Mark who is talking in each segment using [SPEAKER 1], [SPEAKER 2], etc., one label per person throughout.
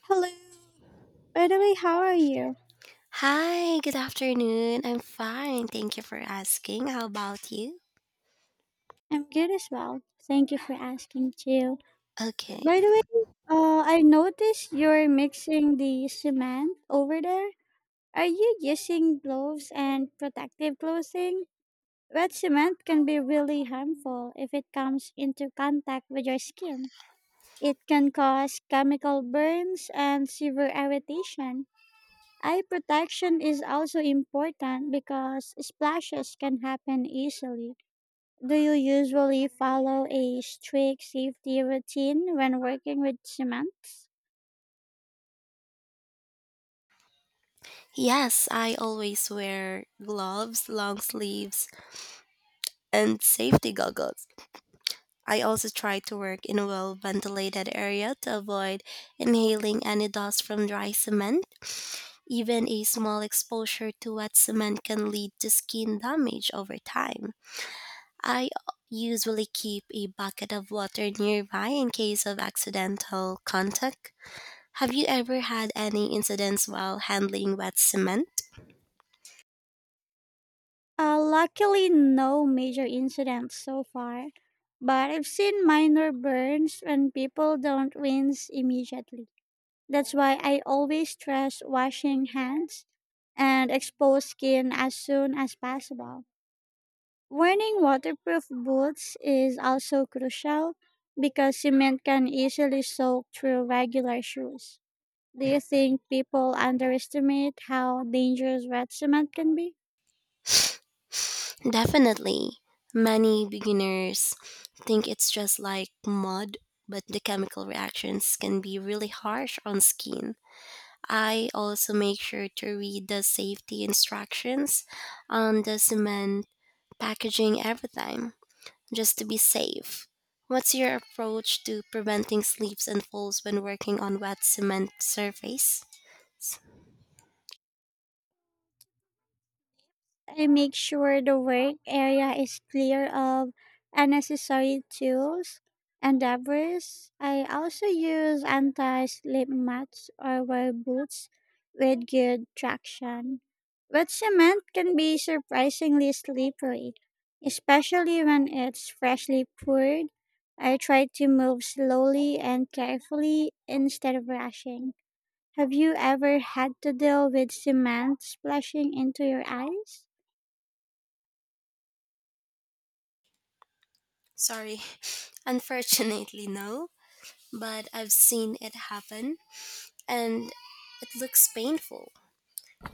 [SPEAKER 1] Hello. By the way, how are you?
[SPEAKER 2] Hi, good afternoon. I'm fine. Thank you for asking. How about you?
[SPEAKER 1] I'm good as well. Thank you for asking too. So,
[SPEAKER 2] Okay.
[SPEAKER 1] by the way, I noticed you're mixing the cement over there. Are you using gloves and protective clothing? Wet cement can be really harmful if it comes into contact with your skin. It can cause chemical burns and severe irritation. Eye protection is also important because splashes can happen easily. Do you usually follow a strict safety routine when working with cements?
[SPEAKER 2] Yes, I always wear gloves, long sleeves, and safety goggles. I also try to work in a well ventilated area to avoid inhaling any dust from dry cement. Even a small exposure to wet cement can lead to skin damage over time. I usually keep a bucket of water nearby in case of accidental contact. Have you ever had any incidents while handling wet cement?
[SPEAKER 1] Luckily, no major incidents so far, but I've seen minor burns when people don't rinse immediately. That's why I always stress washing hands and exposed skin as soon as possible. Wearing waterproof boots is also crucial because cement can easily soak through regular shoes. Do you think people underestimate how dangerous wet cement can be?
[SPEAKER 2] Definitely. Many beginners think it's just like mud, but the chemical reactions can be really harsh on skin. I also make sure to read the safety instructions on the cement packaging every time, just to be safe. What's your approach to preventing slips and falls when working on wet cement surface? S-
[SPEAKER 1] I make sure the work area is clear of unnecessary tools and debris. I also use anti slip mats or wear boots with good traction. Wet cement can be surprisingly slippery, especially when it's freshly poured. I try to move slowly and carefully instead of rushing. Have you ever had to deal with cement splashing into your eyes?
[SPEAKER 2] Sorry. Unfortunately, no, but I've seen it happen and it looks painful.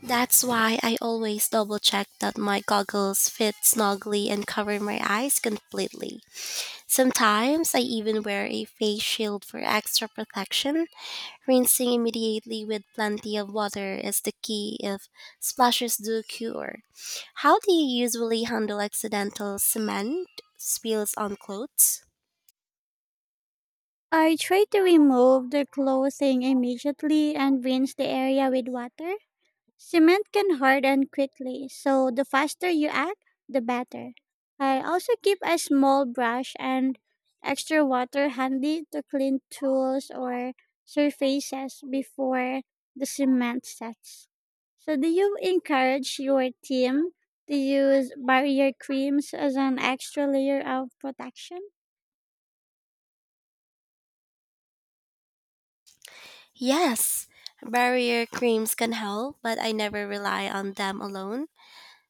[SPEAKER 2] That's why I always double check that my goggles fit snugly and cover my eyes completely. Sometimes I even wear a face shield for extra protection. Rinsing immediately with plenty of water is the key if splashes do occur. How do you usually handle accidental cement spills on clothes?
[SPEAKER 1] I tried to remove the clothing immediately and rinse the area with water. Cement can harden quickly, so the faster you act, the better. I also keep a small brush and extra water handy to clean tools or surfaces before the cement sets. So, do you encourage your team to use barrier creams as an extra layer of protection?
[SPEAKER 2] Yes, barrier creams can help, but I never rely on them alone.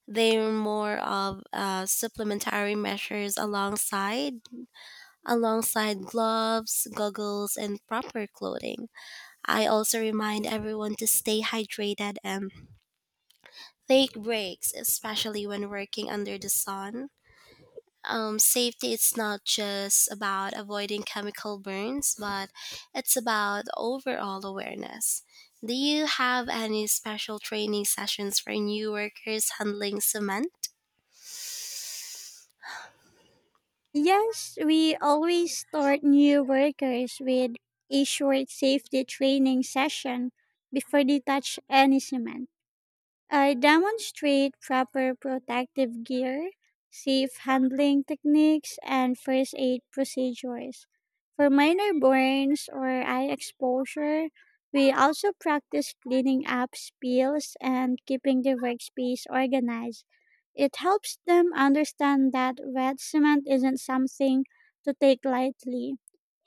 [SPEAKER 2] They're more of supplementary measures alongside gloves, goggles, and proper clothing. I also remind everyone to stay hydrated and take breaks, especially when working under the sun. Safety it's not just about avoiding chemical burns, but it's about overall awareness. Do you have any special training sessions for new workers handling cement?
[SPEAKER 1] Yes, we always start new workers with a short safety training session before they touch any cement. I demonstrate proper protective gear, safe handling techniques, and first aid procedures. For minor burns or eye exposure, we also practice cleaning up spills and keeping the workspace organized. It helps them understand that wet cement isn't something to take lightly.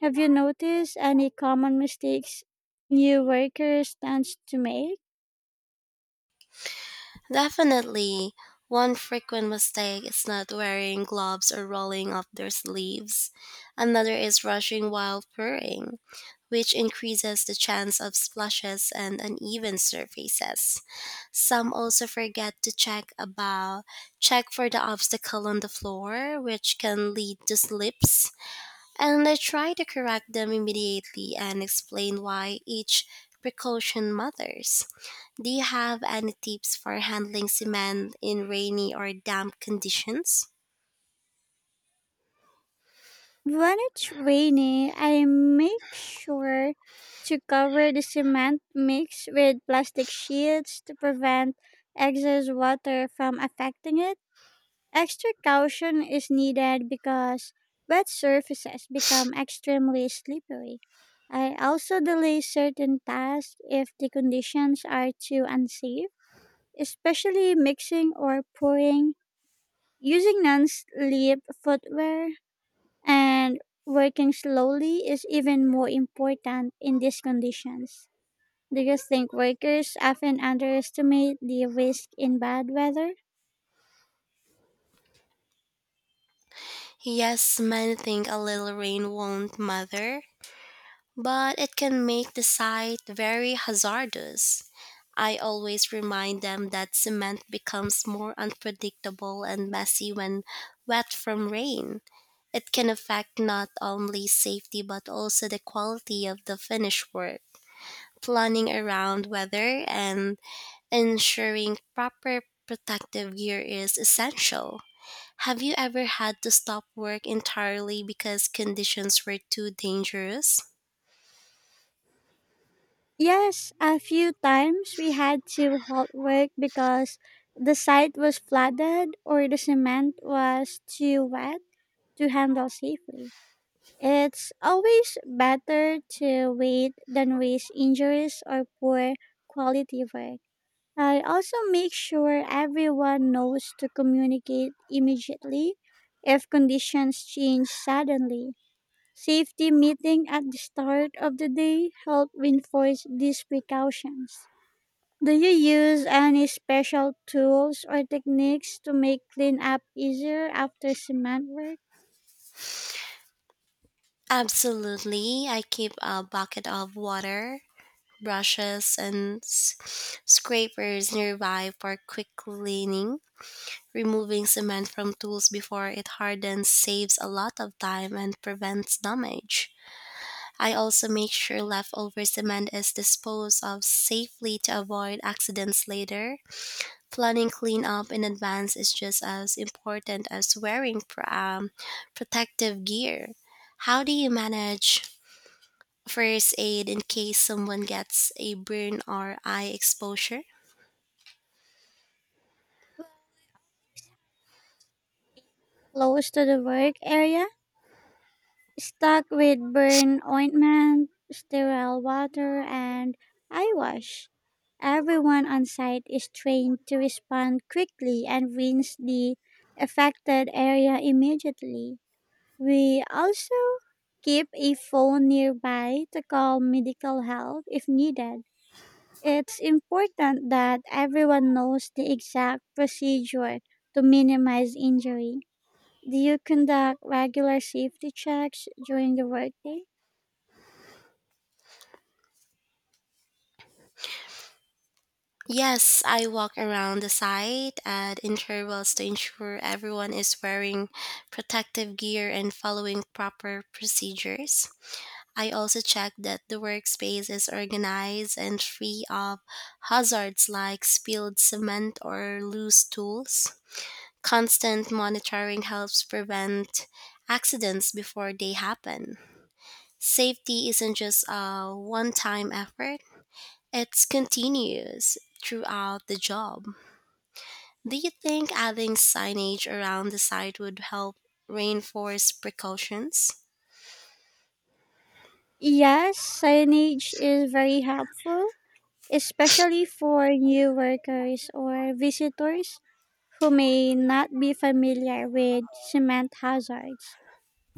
[SPEAKER 1] Have you noticed any common mistakes new workers tend to make?
[SPEAKER 2] Definitely, one frequent mistake is not wearing gloves or rolling up their sleeves. Another is rushing while pouring, which increases the chance of splashes and uneven surfaces. Some also forget to check for the obstacle on the floor, which can lead to slips. And I try to correct them immediately and explain why each precaution matters. Do you have any tips for handling cement in rainy or damp conditions?
[SPEAKER 1] When it's raining, I make sure to cover the cement mix with plastic sheets to prevent excess water from affecting it. Extra caution is needed because wet surfaces become extremely slippery. I also delay certain tasks if the conditions are too unsafe, especially mixing or pouring, using non slip footwear and working slowly is even more important in these conditions. Do you think workers often underestimate the risk in bad weather?
[SPEAKER 2] Yes, many think a little rain won't matter, but it can make the site very hazardous. I always remind them that cement becomes more unpredictable and messy when wet from rain. It can affect not only safety but also the quality of the finished work. Planning around weather and ensuring proper protective gear is essential. Have you ever had to stop work entirely because conditions were too dangerous?
[SPEAKER 1] Yes, a few times we had to halt work because the site was flooded or the cement was too wet to handle safely. It's always better to wait than risk injuries or poor quality work. I also make sure everyone knows to communicate immediately if conditions change suddenly. Safety meeting at the start of the day help reinforce these precautions. Do you use any special tools or techniques to make cleanup easier after cement work
[SPEAKER 2] Absolutely. I keep a bucket of water, brushes, and scrapers nearby for quick cleaning. Removing cement from tools before it hardens saves a lot of time and prevents damage. I also make sure leftover cement is disposed of safely to avoid accidents later. Planning cleanup in advance is just as important as wearing protective gear. How do you manage first aid in case someone gets a burn or eye exposure?
[SPEAKER 1] close to the work area? Stuck with burn ointment, sterile water, and eye wash. Everyone on site is trained to respond quickly and rinse the affected area immediately. We also keep a phone nearby to call medical help if needed. It's important that everyone knows the exact procedure to minimize injury. Do you conduct regular safety checks during the workday?
[SPEAKER 2] Yes, I walk around the site at intervals to ensure everyone is wearing protective gear and following proper procedures. I also check that the workspace is organized and free of hazards like spilled cement or loose tools. Constant monitoring helps prevent accidents before they happen. Safety isn't just a one time effort, it's continuous throughout the job. Do you think adding signage around the site would help reinforce precautions?
[SPEAKER 1] Yes, signage is very helpful, especially for new workers or visitors who may not be familiar with cement hazards.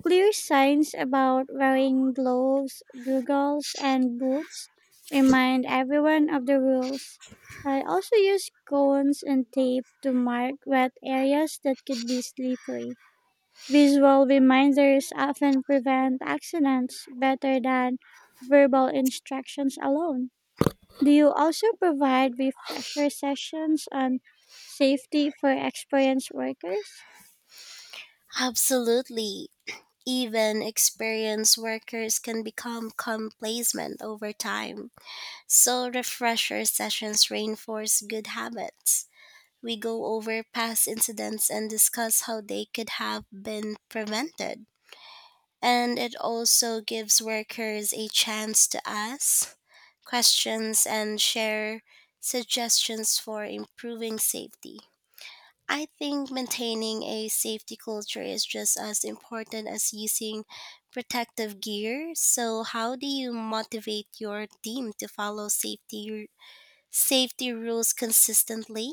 [SPEAKER 1] Clear signs about wearing gloves, goggles, and boots remind everyone of the rules. I also use cones and tape to mark wet areas that could be slippery. Visual reminders often prevent accidents better than verbal instructions alone. Do you also provide refresher sessions on safety for experienced workers?
[SPEAKER 2] Absolutely. Even experienced workers can become complacent over time. So, refresher sessions reinforce good habits. We go over past incidents and discuss how they could have been prevented. And it also gives workers a chance to ask questions and share suggestions for improving safety. I think maintaining a safety culture is just as important as using protective gear. So, how do you motivate your team to follow safety rules consistently?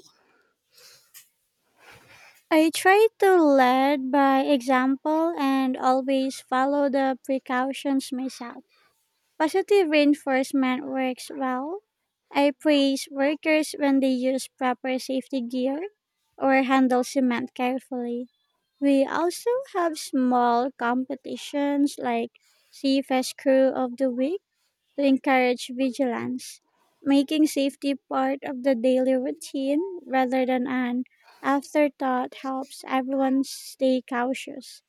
[SPEAKER 1] I try to lead by example and always follow the precautions myself. Positive reinforcement works well. I praise workers when they use proper safety gear or handle cement carefully. We also have small competitions like CFS Crew of the Week to encourage vigilance, making safety part of the daily routine rather than an afterthought helps everyone stay cautious.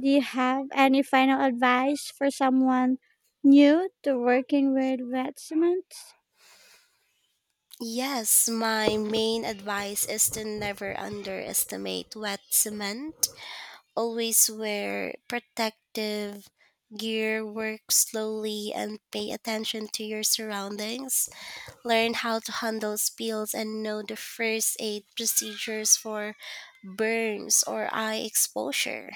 [SPEAKER 1] Do you have any final advice for someone new to working with wet cements?
[SPEAKER 2] Yes, my main advice is to never underestimate wet cement. Always wear protective gear, work slowly, and pay attention to your surroundings. Learn how to handle spills, and know the first aid procedures for burns or eye exposure.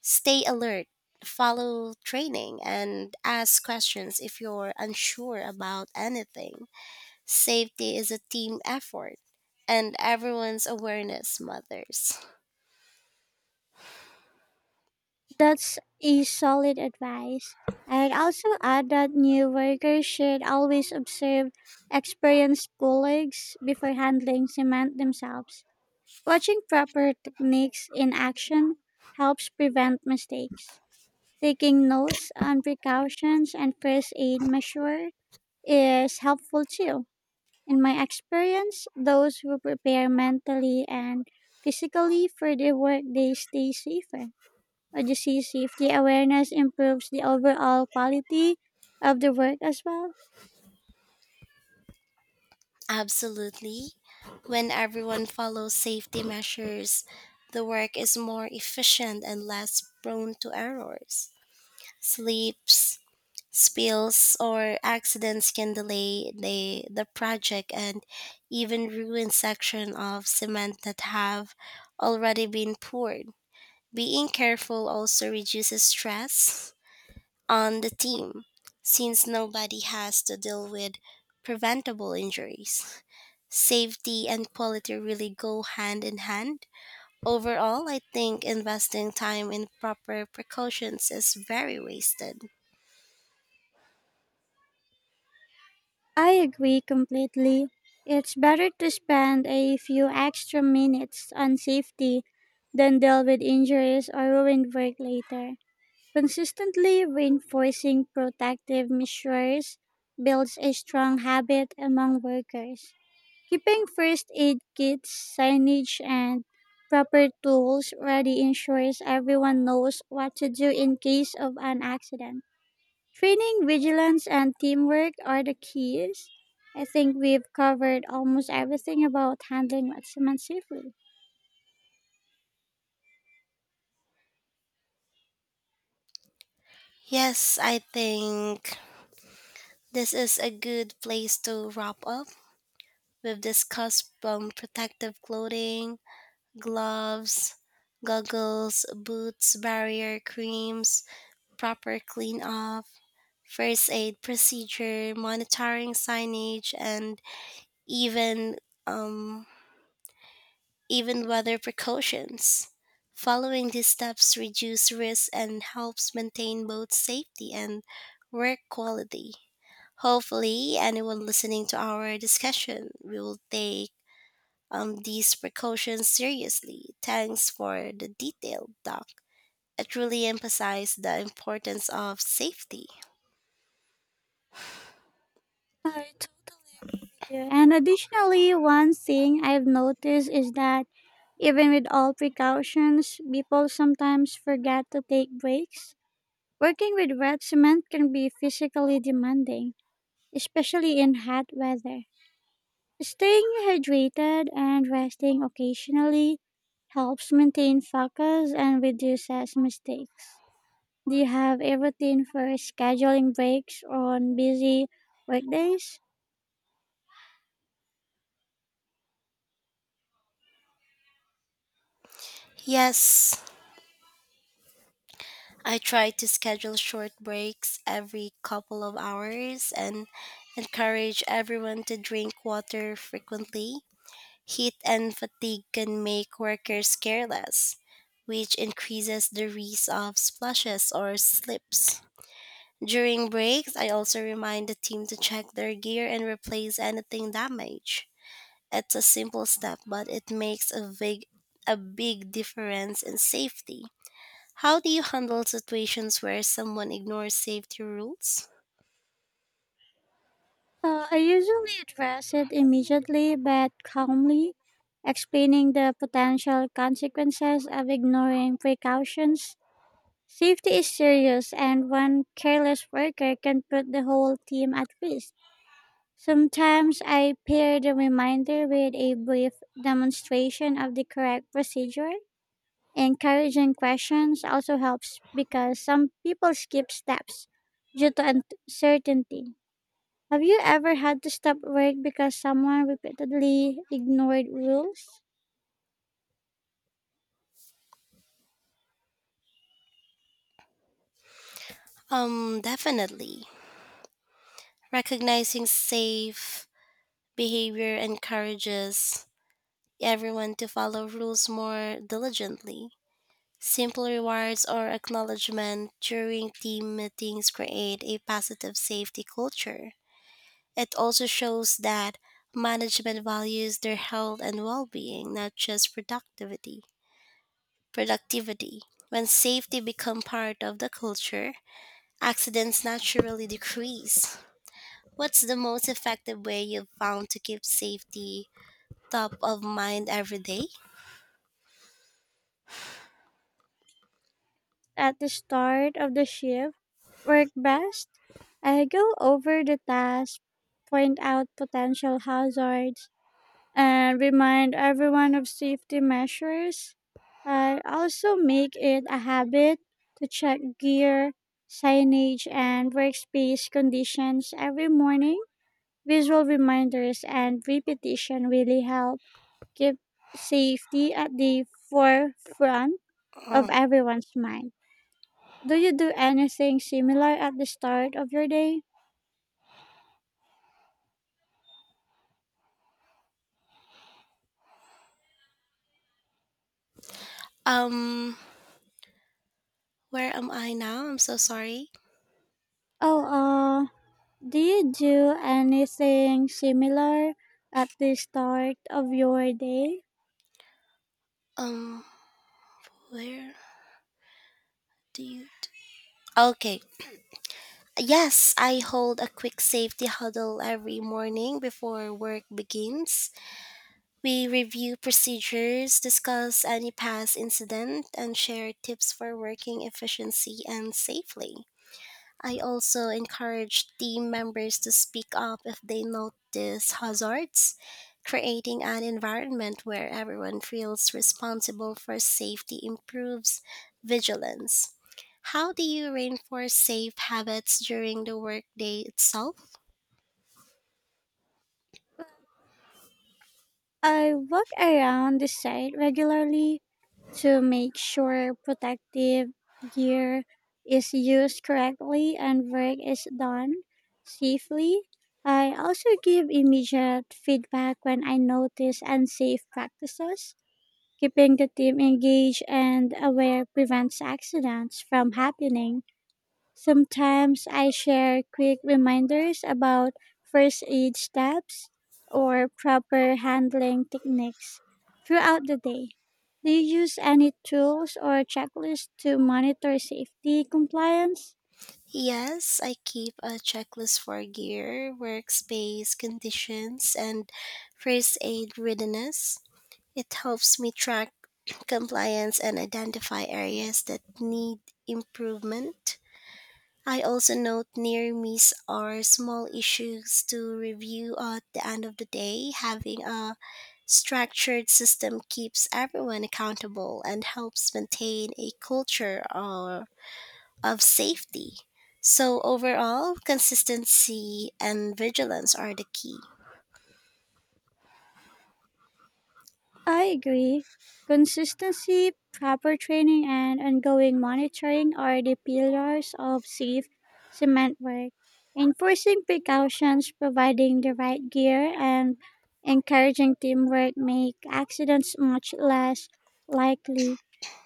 [SPEAKER 2] Stay alert, follow training, and ask questions if you're unsure about anything. Safety is a team effort, and everyone's awareness matters.
[SPEAKER 1] That's a solid advice. I'd also add that new workers should always observe experienced colleagues before handling cement themselves. Watching proper techniques in action helps prevent mistakes. Taking notes on precautions and first aid measure is helpful too. In my experience, those who prepare mentally and physically for their work, they stay safer. Or disease safety awareness improves the overall quality of the work as well.
[SPEAKER 2] Absolutely. When everyone follows safety measures, the work is more efficient and less prone to errors. Sleeps spills or accidents can delay the project and even ruin sections of cement that have already been poured. Being careful also reduces stress on the team since nobody has to deal with preventable injuries. Safety and quality really go hand in hand. Overall, I think investing time in proper precautions is very wasted.
[SPEAKER 1] I agree completely. It's better to spend a few extra minutes on safety than deal with injuries or ruined work later. Consistently reinforcing protective measures builds a strong habit among workers. Keeping first aid kits, signage, and proper tools ready ensures everyone knows what to do in case of an accident. Training, vigilance, and teamwork are the keys. I think we've covered almost everything about handling accidents safely.
[SPEAKER 2] Yes, I think this is a good place to wrap up. We've discussed protective clothing, gloves, goggles, boots, barrier creams, proper clean off, first aid procedure, monitoring signage, and even um, even weather precautions. Following these steps reduce risk and helps maintain both safety and work quality. Hopefully, anyone listening to our discussion will take these precautions seriously. Thanks for the detailed doc. It really emphasized the importance of safety.
[SPEAKER 1] I totally agree with you. And additionally, one thing I've noticed is that even with all precautions, people sometimes forget to take breaks. Working with wet cement can be physically demanding, especially in hot weather. Staying hydrated and resting occasionally helps maintain focus and reduces mistakes. Do you have a routine for scheduling breaks on busy workdays?
[SPEAKER 2] Yes, I try to schedule short breaks every couple of hours and encourage everyone to drink water frequently. Heat and fatigue can make workers careless, which increases the risk of splashes or slips. During breaks, I also remind the team to check their gear and replace anything damaged. It's a simple step, but it makes a big difference in safety. How do you handle situations where someone ignores safety rules?
[SPEAKER 1] I usually address it immediately but calmly, explaining the potential consequences of ignoring precautions. Safety is serious, and one careless worker can put the whole team at risk. Sometimes I pair the reminder with a brief demonstration of the correct procedure. Encouraging questions also helps because some people skip steps due to uncertainty. Have you ever had to stop work because someone repeatedly ignored rules?
[SPEAKER 2] Definitely. Recognizing safe behavior encourages everyone to follow rules more diligently. Simple rewards or acknowledgement during team meetings create a positive safety culture. It also shows that management values their health and well-being, not just productivity. Productivity. When safety becomes part of the culture, accidents naturally decrease. What's the most effective way you've found to keep safety top of mind every day?
[SPEAKER 1] At the start of the shift work best. I go over the task, point out potential hazards, and remind everyone of safety measures. I also make it a habit to check gear, signage, and workspace conditions every morning. Visual reminders and repetition really help keep safety at the forefront of
[SPEAKER 2] Uh,
[SPEAKER 1] everyone's mind. Do you do anything similar at the start of your day?
[SPEAKER 2] Um, where am I now? I'm so sorry.
[SPEAKER 1] Oh, uh, do you do anything similar at the start of your day?
[SPEAKER 2] Um, where? Dude. Okay. Yes, I hold a quick safety huddle every morning before work begins. We review procedures, discuss any past incident, and share tips for working efficiency and safely. I also encourage team members to speak up if they notice hazards, creating an environment where everyone feels responsible for safety improves vigilance. How do you reinforce safe habits during the workday itself?
[SPEAKER 1] I walk around the site regularly to make sure protective gear is used correctly and work is done safely. I also give immediate feedback when I notice unsafe practices. Keeping the team engaged and aware prevents accidents from happening. Sometimes I share quick reminders about first aid steps or proper handling techniques throughout the day. Do you use any tools or checklists to monitor safety compliance?
[SPEAKER 2] Yes, I keep a checklist for gear, workspace conditions, and first aid readiness. It helps me track compliance and identify areas that need improvement. I also note near misses or small issues to review at the end of the day. Having a structured system keeps everyone accountable and helps maintain a of safety. So, overall, consistency and vigilance are the key.
[SPEAKER 1] I agree. Consistency, proper training, and ongoing monitoring are the pillars of safe cement work. Enforcing precautions, providing the right gear, and encouraging teamwork make accidents much less likely.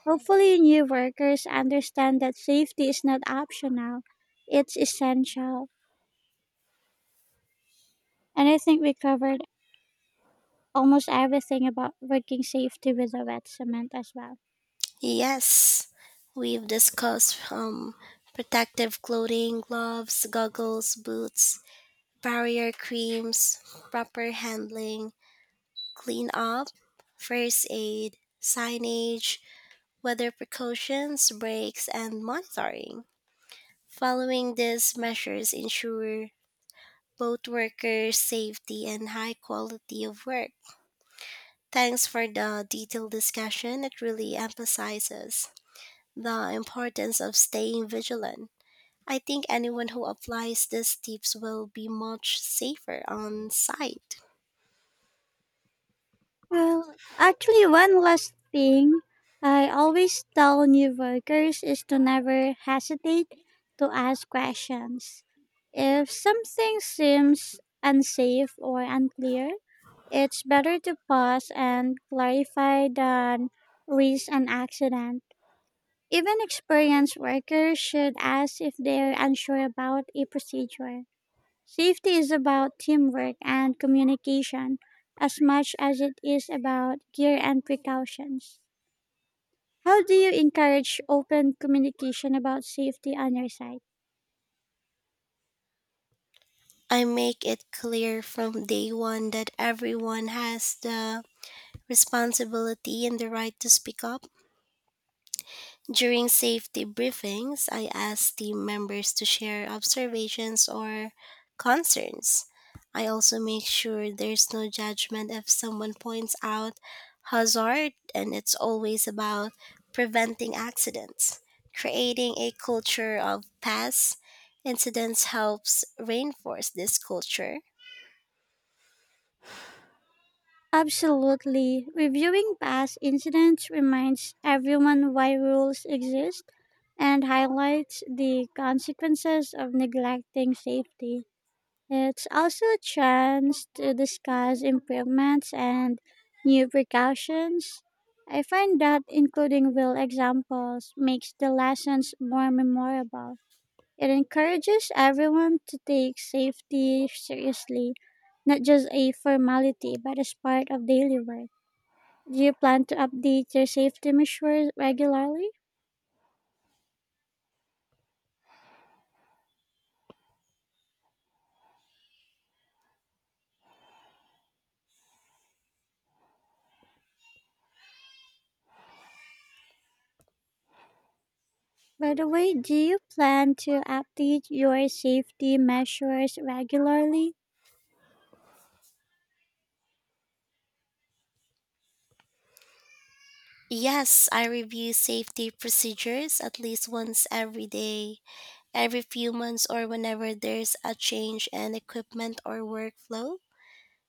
[SPEAKER 1] Hopefully, new workers understand that safety is not optional, it's essential. And I think we covered almost everything about working safety with a wet cement as well.
[SPEAKER 2] Yes, we've discussed protective clothing, gloves, goggles, boots, barrier creams, proper handling, clean up, first aid, signage, weather precautions, breaks, and monitoring. Following these measures ensure both workers' safety and high quality of work. Thanks for the detailed discussion. It really emphasizes the importance of staying vigilant. I think anyone who applies these tips will be much safer on site.
[SPEAKER 1] Well, actually, one last thing I always tell new workers is to never hesitate to ask questions. If something seems unsafe or unclear, it's better to pause and clarify than risk an accident. Even experienced workers should ask if they're unsure about a procedure. Safety is about teamwork and communication as much as it is about gear and precautions. How do you encourage open communication about safety on your site?
[SPEAKER 2] I make it clear from day one that everyone has the responsibility and the right to speak up. During safety briefings, I ask team members to share observations or concerns. I also make sure there's no judgment if someone points out hazard, and it's always about preventing accidents. Creating a culture of past incidents helps reinforce this culture.
[SPEAKER 1] Absolutely. Reviewing past incidents reminds everyone why rules exist and highlights the consequences of neglecting safety. It's also a chance to discuss improvements and new precautions. I find that including real examples makes the lessons more memorable. It encourages everyone to take safety seriously, not just a formality, but as part of daily work. Do you plan to update your safety measures regularly? By the way, do you plan to update your safety measures regularly?
[SPEAKER 2] Yes, I review safety procedures at least once every day every few months or whenever there's a change in equipment or workflow.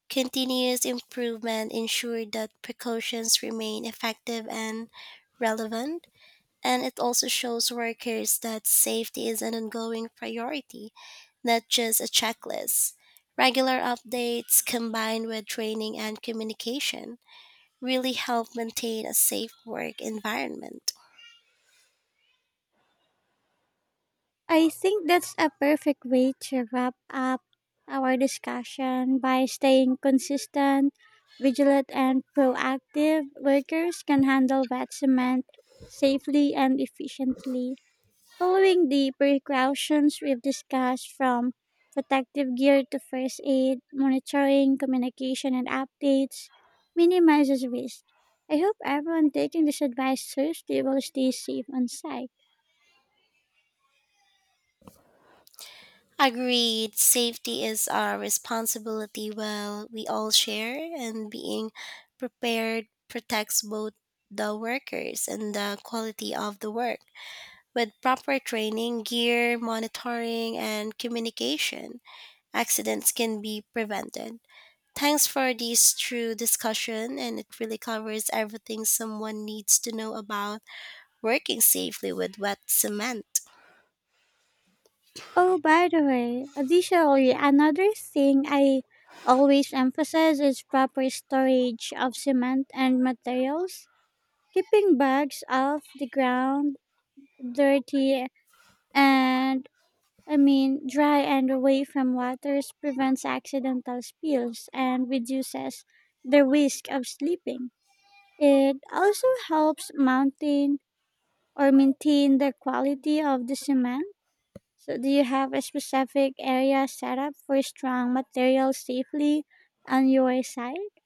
[SPEAKER 2] Continuous improvement ensures that precautions remain effective and relevant, and it also shows workers that safety is an ongoing priority, not just a checklist. Regular updates combined with training and communication really help maintain a safe work environment.
[SPEAKER 1] I think that's a perfect way to wrap up our discussion by staying consistent, vigilant, and proactive. Workers can handle wet cement safely and efficiently, following the precautions we've discussed from protective gear to first aid, monitoring, communication, and updates minimizes risk. I hope everyone taking this advice seriously will stay safe on site.
[SPEAKER 2] Agreed, safety is our responsibility well we all share and being prepared protects both the workers and the quality of the work. With proper training, gear, monitoring and communication, accidents can be prevented. Thanks for this true discussion and it really covers everything someone needs to know about working safely with wet cement.
[SPEAKER 1] Oh, by the way, additionally, another thing I always emphasize is proper storage of cement and materials. Keeping bags off the ground, dirty, and dry and away from waters prevents accidental spills and reduces the risk of slipping. It also helps maintain the quality of the cement. So, do you have a specific area set up for strong materials safely on your site?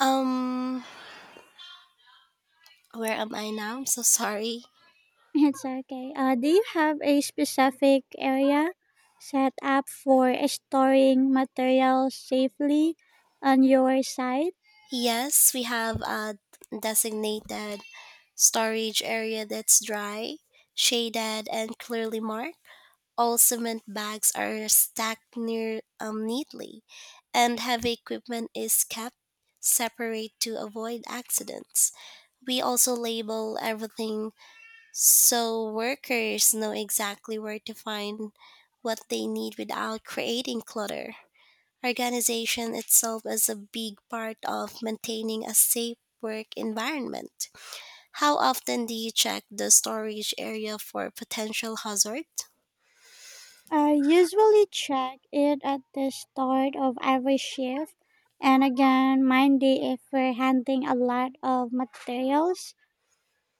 [SPEAKER 2] Um where am I now? I'm so sorry.
[SPEAKER 1] It's okay. Do you have a specific area set up for storing materials safely on your site?
[SPEAKER 2] Yes, we have a designated storage area that's dry, shaded, and clearly marked. All cement bags are stacked near neatly, and heavy equipment is kept separate to avoid accidents. We also label everything so workers know exactly where to find what they need without creating clutter. Organization itself is a big part of maintaining a safe work environment. How often do you check the storage area for potential hazard?
[SPEAKER 1] I usually check it at the start of every shift and again Monday if we're handling a lot of materials,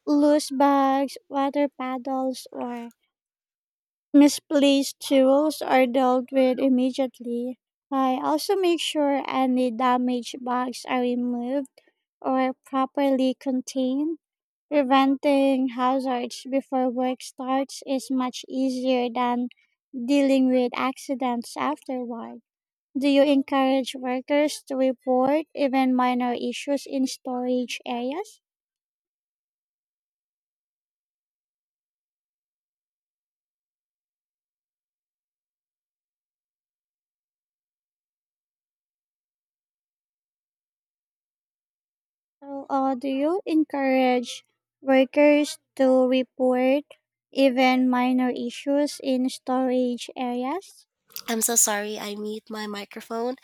[SPEAKER 1] loose bags, water paddles, or misplaced tools are dealt with immediately. I also make sure any damaged bags are removed or properly contained. Preventing hazards before work starts is much easier than dealing with accidents afterward. Do you encourage workers to report even minor issues in storage areas? Do you encourage workers to report even minor issues in storage areas?
[SPEAKER 2] I'm so sorry, I mute my microphone.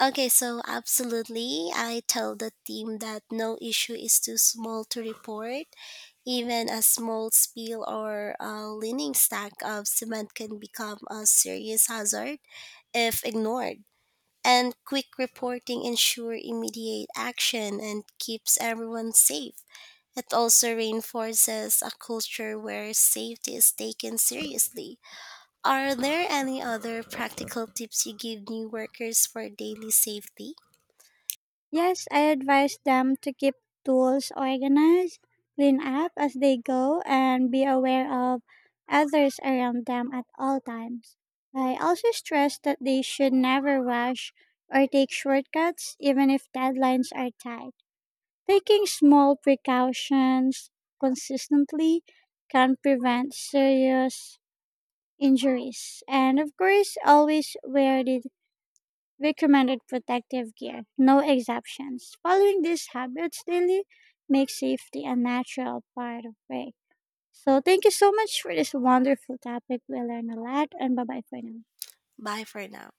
[SPEAKER 2] Okay, so absolutely, I tell the team that no issue is too small to report. Even a small spill or a leaning stack of cement can become a serious hazard if ignored. And quick reporting ensure immediate action and keeps everyone safe. It also reinforces a culture where safety is taken seriously. Are there any other practical tips you give new workers for daily safety?
[SPEAKER 1] Yes, I advise them to keep tools organized, clean up as they go, and be aware of others around them at all times. I also stress that they should never rush or take shortcuts, even if deadlines are tight. Taking small precautions consistently can prevent serious injuries. And of course, always wear the recommended protective gear, no exceptions. Following these habits daily makes safety a natural part of work. So, thank you so much for this wonderful topic. We learned a lot, and bye bye for now.
[SPEAKER 2] Bye for now.